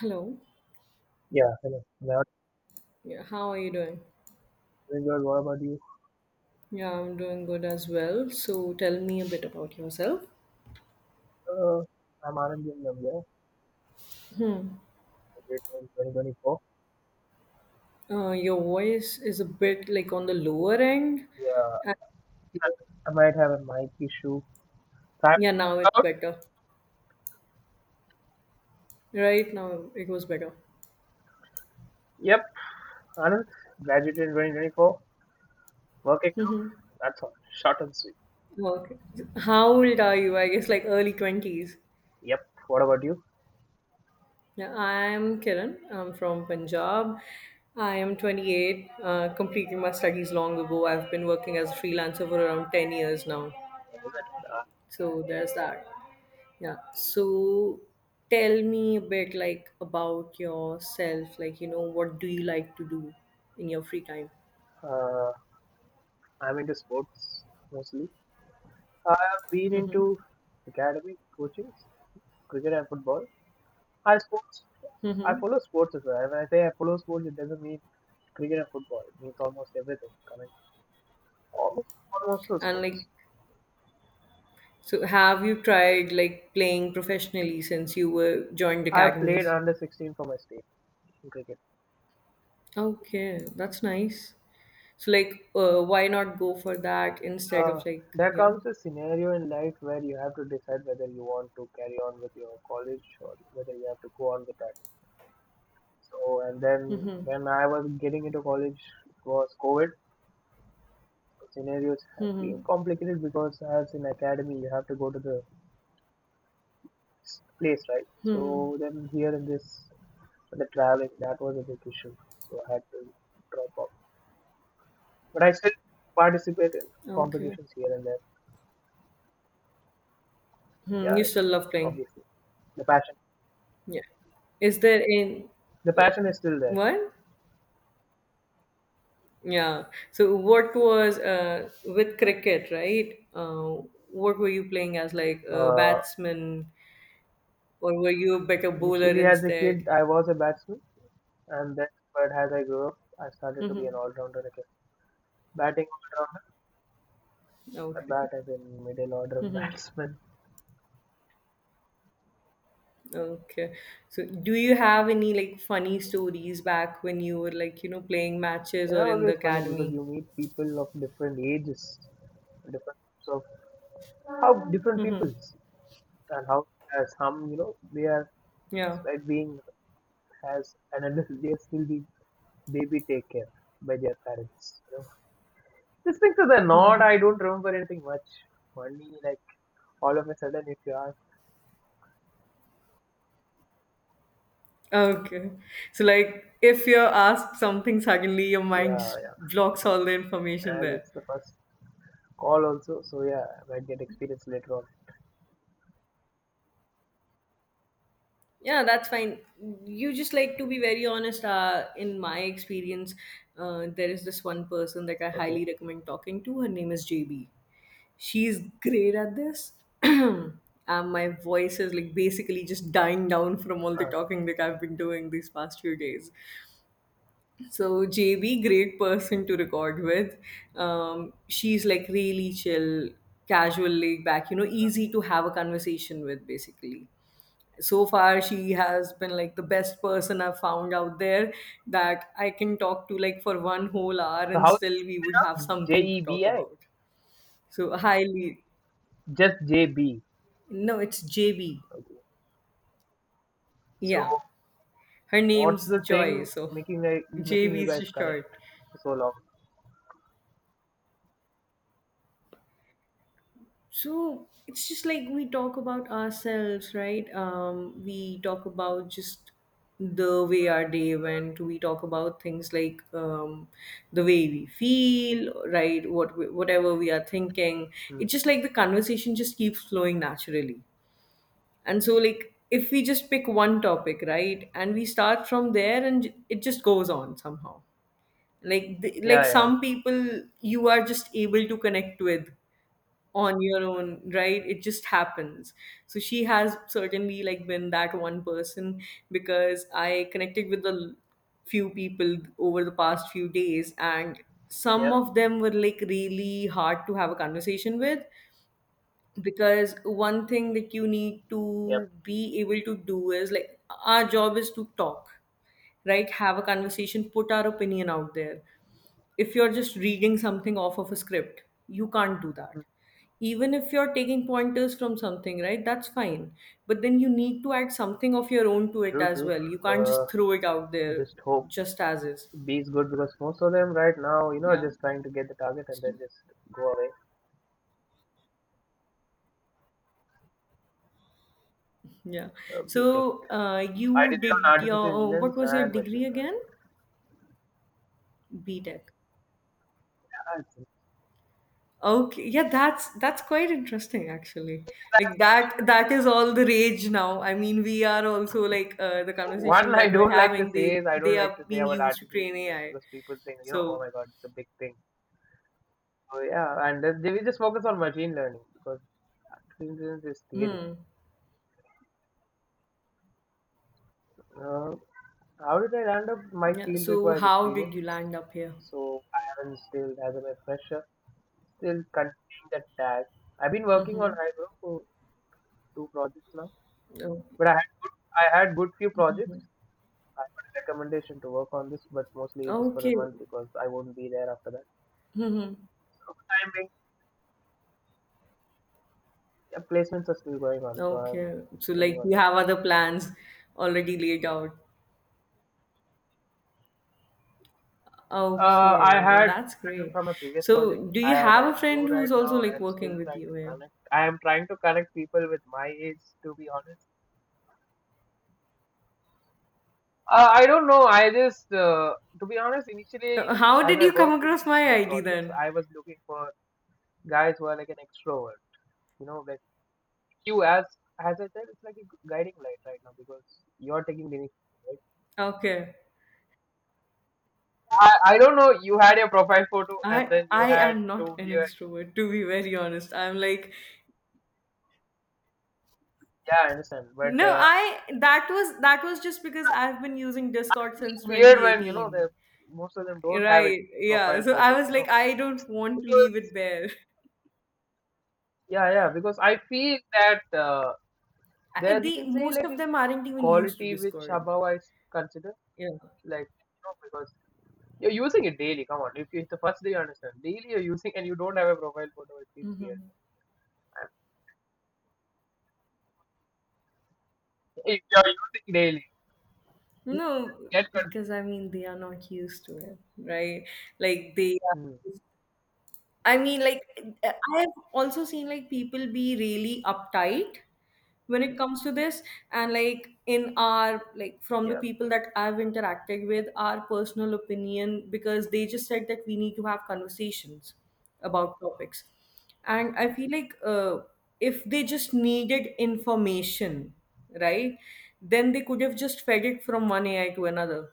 Hello. Yeah, hello. That Yeah, how are you doing? doing good. What about you? Yeah, I'm doing good as well. So tell me a bit about yourself. Uh, I'm Anand in Namibia. I graduated in 2024. Your voice is a bit like on the lower end. Yeah, And, I might have a mic issue. Time yeah, now it's out. better. Right now it was better. Yep, Anand. Graduated in 2024. Working out. Hmm. That's all. Short and sweet. Okay. How old are you? I guess like early 20s. Yep. What about you? Yeah, I'm Kiran. I'm from Punjab. I am 28, completing my studies long ago. I've been working as a freelancer for around 10 years now. What is it? So there's that. Yeah. So tell me a bit like about yourself. Like, you know, what do you like to do in your free time? Uh, I'm into sports mostly. I've been into academic coaching, cricket and football. I sports. I Mm-hmm. follow sports as well. When I say I follow sports, it doesn't mean cricket and football. It means almost everything. Almost, almost all And sports. like, so have you tried like playing professionally since you were joined I have played academies? under 16 for my state in cricket. Okay, that's nice. So like, why not go for that instead Uh, of like, there you know? comes a scenario in life where you have to decide whether you want to carry on with your college or whether you have to go on with that. So, and then when I was getting into college, it was COVID. So, scenarios have been complicated because as in academy, you have to go to the place, right? So then here in this, the traveling, that was a big issue. So I had to drop off. But I still participate in Okay. competitions here and there. Hmm, Yeah, you still love playing. obviously. The passion. Yeah. Is there in The yeah. passion is still there. What? Yeah. So what was with cricket, right? What were you playing as, like a Uh, batsman, or were you a better bowler Initially, as a kid, instead? I was a batsman, and then, but as I grew up, I started to be an Mm-hmm. all-rounder again. Batting all-rounder, I Okay. bat as a middle order batsman. Okay. So do you have any like funny stories back when you were like, you know, playing They matches or are in the always funny because academy? you meet people of different ages, different types of how different Mm-hmm. peoples and how as some, you know, they are Yeah. despite being as an adult they are still being they be taken by their parents. You know? These things are the not. I don't remember anything much. Only like all of a sudden, if you ask, Okay. So like if you're asked something suddenly, your mind yeah, just yeah, blocks yes. all the information As there. it's the first call also, so yeah, I might get experience later on. Yeah, that's fine. You just like to be very honest. In my experience, there is this one person that I Okay. highly recommend talking to. Her name is JB. She's great at this. And my voice is like basically just dying down from all the Uh, talking that I've been doing these past few days. So JB, great person to record with. She's like really chill, casual, laid back. You know, easy to have a conversation with, basically so far she has been like the best person I've found out there that I can talk to like for one whole hour so and how is still we would have it? J something to E talk B I, about so highly just J B. no it's JB, Okay. So yeah, her what's name's the Joy, thing so making like making you JB is guys just connect short. for so long? So it's just like we talk about ourselves, right? We talk about just the way our day went. We talk about things like the way we feel, right? Whatever we are thinking. Hmm. It's just like the conversation just keeps flowing naturally. And so, like, if we just pick one topic, right, and we start from there, it just goes on somehow. Like, like Yeah, yeah, some people you are just able to connect with on your own, right, it just happens. So she has certainly like been that one person because I connected with few people over the past few days, and some yep, of them were like really hard to have a conversation with because one thing that you need yep. to be able to do is like our job is to talk, right, have a conversation, put our opinion out there. If you're just reading something off of a script, you can't do that. Hmm. Even if you're taking pointers from something, right, that's fine, but then you need to add something of your own to it True, as true. well. You can't just Uh, throw it out there just hope. just as is. B is good because most of them right now, you know, are Yeah, just trying to get the target and then just go away. yeah. So B Tech. I did you it on did artificial your intelligence what was your and machine degree learning. again? B Tech, okay, yeah, that's quite interesting actually. Like that that is all the rage now. I mean, we are also like the conversations One I that we're don't like to having. say is They I don't they like are to say being about used to artificial train intelligence AI. because people think, you know, oh So, my god, it's a big thing. So yeah, we just focus on machine learning because artificial intelligence is theory. hmm, Uh, how did I land up? My yeah. field So, requires how did experience, you land up here? so I haven't still as a fresher. Still continuing that tag. I've been working Mm-hmm. on Hydro for two projects now, Oh, but I had good few projects. I got a recommendation to work on this, but mostly just for a okay. month because I won't be there after that. Mm-hmm. So for the time being, yeah, placements are still going on, so I'm Okay. So, waiting like, on you that. have other plans already laid out. I Okay. Yeah, had that's written great. from a previous So, project do you as have I'm a new friend right who's also now. like I'm working still with trying you to here? connect. I am trying to connect people with my age, to be honest. I don't know. I just, to be honest, initially, How as did I you come worked in across this, my their ID projects, then? I was looking for guys who are like an extrovert. You know, like you, as I said, it's like a guiding light right now because you're taking the initiative. Right? Okay. I don't know. You had your profile photo, and I then you I had am to not an hear. extrovert to be very honest. I'm like Yeah, I understand. But no, I that was just because I've been using Discord since weird when you know the 2018. most of them don't have it Right. Yeah. profile So I photo. was You like know, I don't want to because leave it bare. yeah, yeah, because I feel that there you can The say most like of a them aren't even used to quality which Discord. above I consider. Yeah. Like, you know, because you're using it daily. Come on, if it's the first day, you understand. Daily you're using, and you don't have a profile photo, it feels weird. Hmm. If you're using daily, you No, get confused. because I mean they are not used to it, right? Like they Hmm. are, I mean, like, I have also seen like people be really uptight when it comes to this, and like in our like from the Yeah, people that I've interacted with, our personal opinion because they just said that we need to have conversations about topics, and I feel like if they just needed information, right, then they could have just fed it from one AI to another.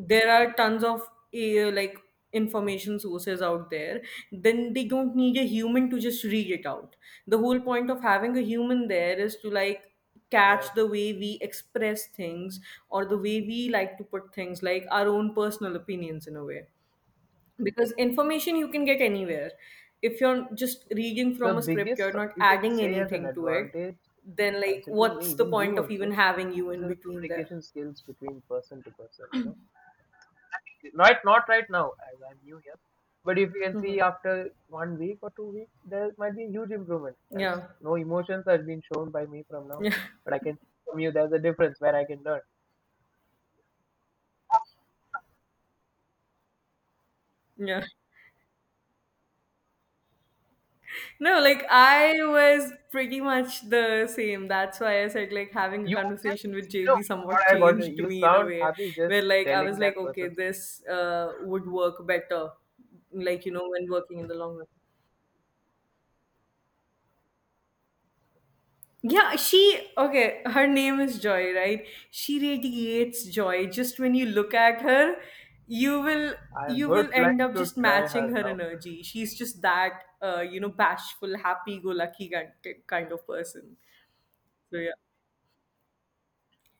There are tons of like information sources out there. Then they don't need a human to just read it out. The whole point of having a human there is to like catch yeah. the way we express things or the way we like to put things like our own personal opinions in a way, because information you can get anywhere. If you're just reading The from a script, biggest you're not you can adding say as an anything to it. advantage, Then like considering me, what's the even you point of even also, having you is in the between there? communication skills between person to person. You know not not right now, as I'm new here. But if you can Hmm, see after 1 week or 2 weeks, there might be huge improvement. As yeah, no emotions has been shown by me from now, yeah. but I can see from you there's a difference where I can learn. Yeah. No, like I was pretty much the same. That's why I said like having a You just conversation with you know JB what somewhat I got. changed You me in a sound way happy where just like I telling was that like, okay, person's name. this would work better, like you know, when working in the long run. Yeah, she okay, her name is Joy, right? She radiates joy. Just when you look at her, you will I you would will like end up to just try matching her her out. energy. She's just that you know, bashful, happy go lucky kind of person. So yeah.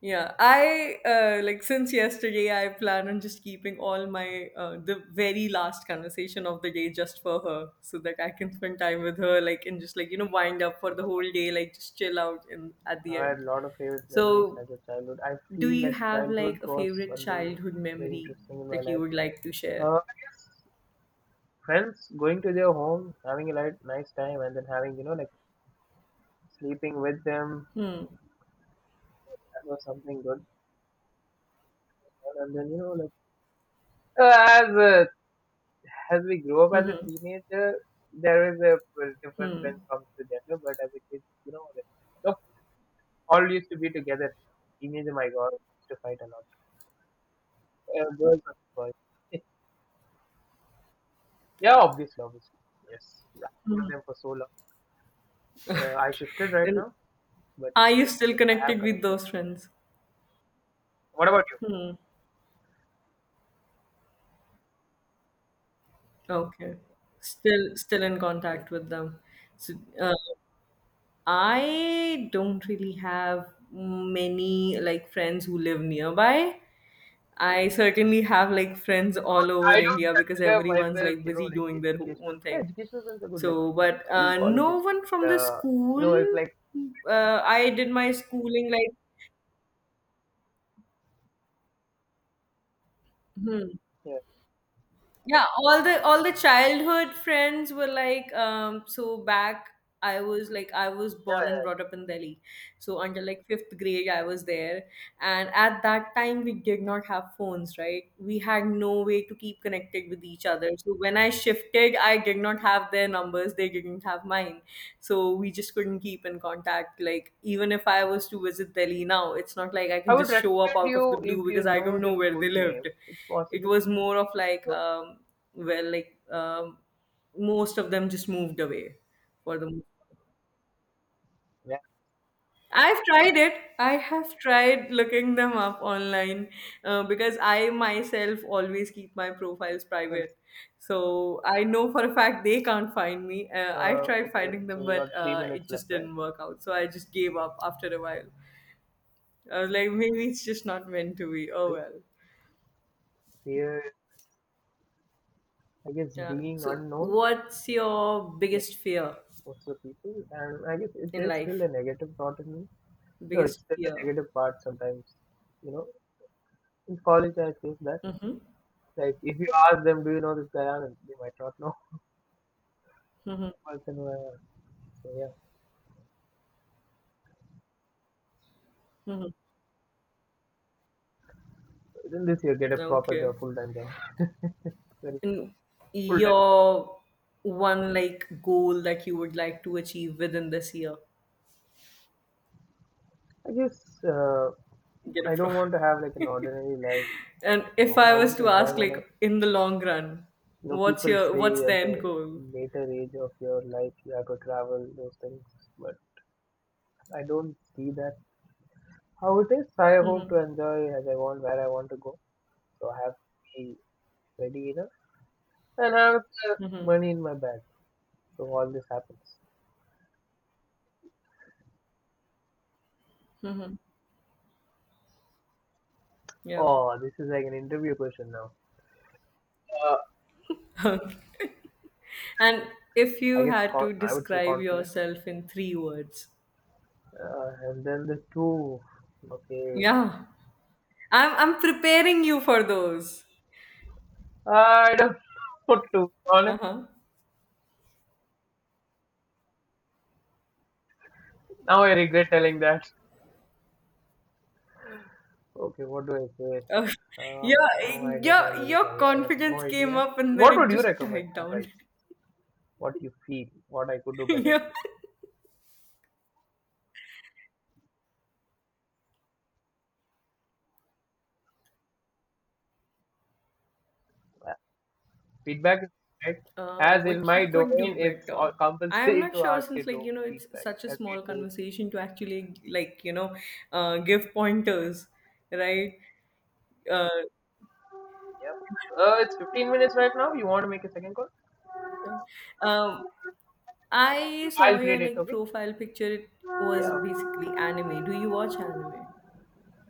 Yeah, I like since yesterday I plan on just keeping all my the very last conversation of the day just for her so that I can spend time with her like and just like you know wind up for the whole day like just chill out and at the I had end. a lot of favorite memories So, as a childhood. I do feel you like have childhood like a was favorite something childhood very memory interesting in my that you life. would like to share? I guess friends going to their home, having a light, nice time, and then having, you know, like sleeping with them. Hmm. That was something good. And then, you know, like uh, as uh, as we grow up as a Mm-hmm. teenager, there is a difference when it comes to gender. But as a kid, you know, like, look, all used to be together. Teenager, my God, used to fight a lot. Girls and boys. Yeah, obviously, obviously. Yes, yeah. I've known them for so long. I shifted right And now, but are you still, still yes, I have connected with connection. those friends? What about you? Okay. Still in contact with them. So, I don't really have many like friends who live nearby. I certainly have like friends all over I don't India because consider everyone's myself, like you know, busy like doing their educational. own Yeah, thing. educational friends are good, like So, but school, no colleges. one from the Uh, you know, it's school. like I did my schooling like. Hmm. yeah, Yeah, all the childhood friends were like so back I was like I was yeah, born and yeah. brought up in Delhi. So until like 5th grade I was there, and at that time we did not have phones, right? We had no way to keep connected with each other. So when I shifted, I did not have their numbers, they didn't have mine. So we just couldn't keep in contact like even if I was to visit Delhi now, it's not like I I can would just show up recommend out of you the blue if you because I know don't their know where full they name. lived. It's It possible. was more of like So well like most of them just moved away for the yeah, I've tried it. I have tried looking them up online, because I myself always keep my profiles so private. So I know for a fact they can't find me. I tried okay. finding So them, we but got three minutes it left, just right? didn't work out. So I just gave up after a while. I was like, maybe it's just not meant to be. Oh Three. well. Fear, I guess, Yeah. being So, unknown, what's your like biggest fear most of the people, and I guess it in is still a life? negative thought in me. No, it's Biggest still a fear. negative part sometimes. You know, in college I face that. Mhm, Like if you ask them, do you know this guy Anand? They might not know mhm, person who I am. So yeah, mhm. within this year, get a proper Okay. job, full time job. Very And full time job. your one like goal that you would like to achieve within this year, I guess get a I pro. don't want to have like an ordinary life, And like if normal. I I was want to to enjoy ask, my life. like in the long run, You know, what's people your what's say the at end the goal? later age of your life you have to travel those things, but I don't see that how it is. I hope to enjoy as I want, where I want to go. So I have to be ready enough and I have the money in my bag. So all this happens. Yeah. Oh, this is like an interview question now. Uh, And if I you guess had to I would say describe confident. yourself in three words, And then the two. Okay. yeah, I'm preparing you for those. I don't know to be honest. Uh huh. Now I regret telling that. Okay, what do I say? Oh, Uh, yeah, no, I guess I'm very your sorry. I have no confidence came idea. up and then What would it you just recommend? died down. Advice. What you feel. What I could do better. Yeah. Uh, Feedback is right. As in What you my could do domain, it's better. all I am compulsory not to sure ask a since like do you know it's feedback such a as we small trade. conversation to actually like you know give pointers, right? Uh, Yep. It's 15 minutes right now. You want to make a second call? um, I saw I'll your grade it, like okay? profile picture. It was Yeah, basically anime. Do you watch anime?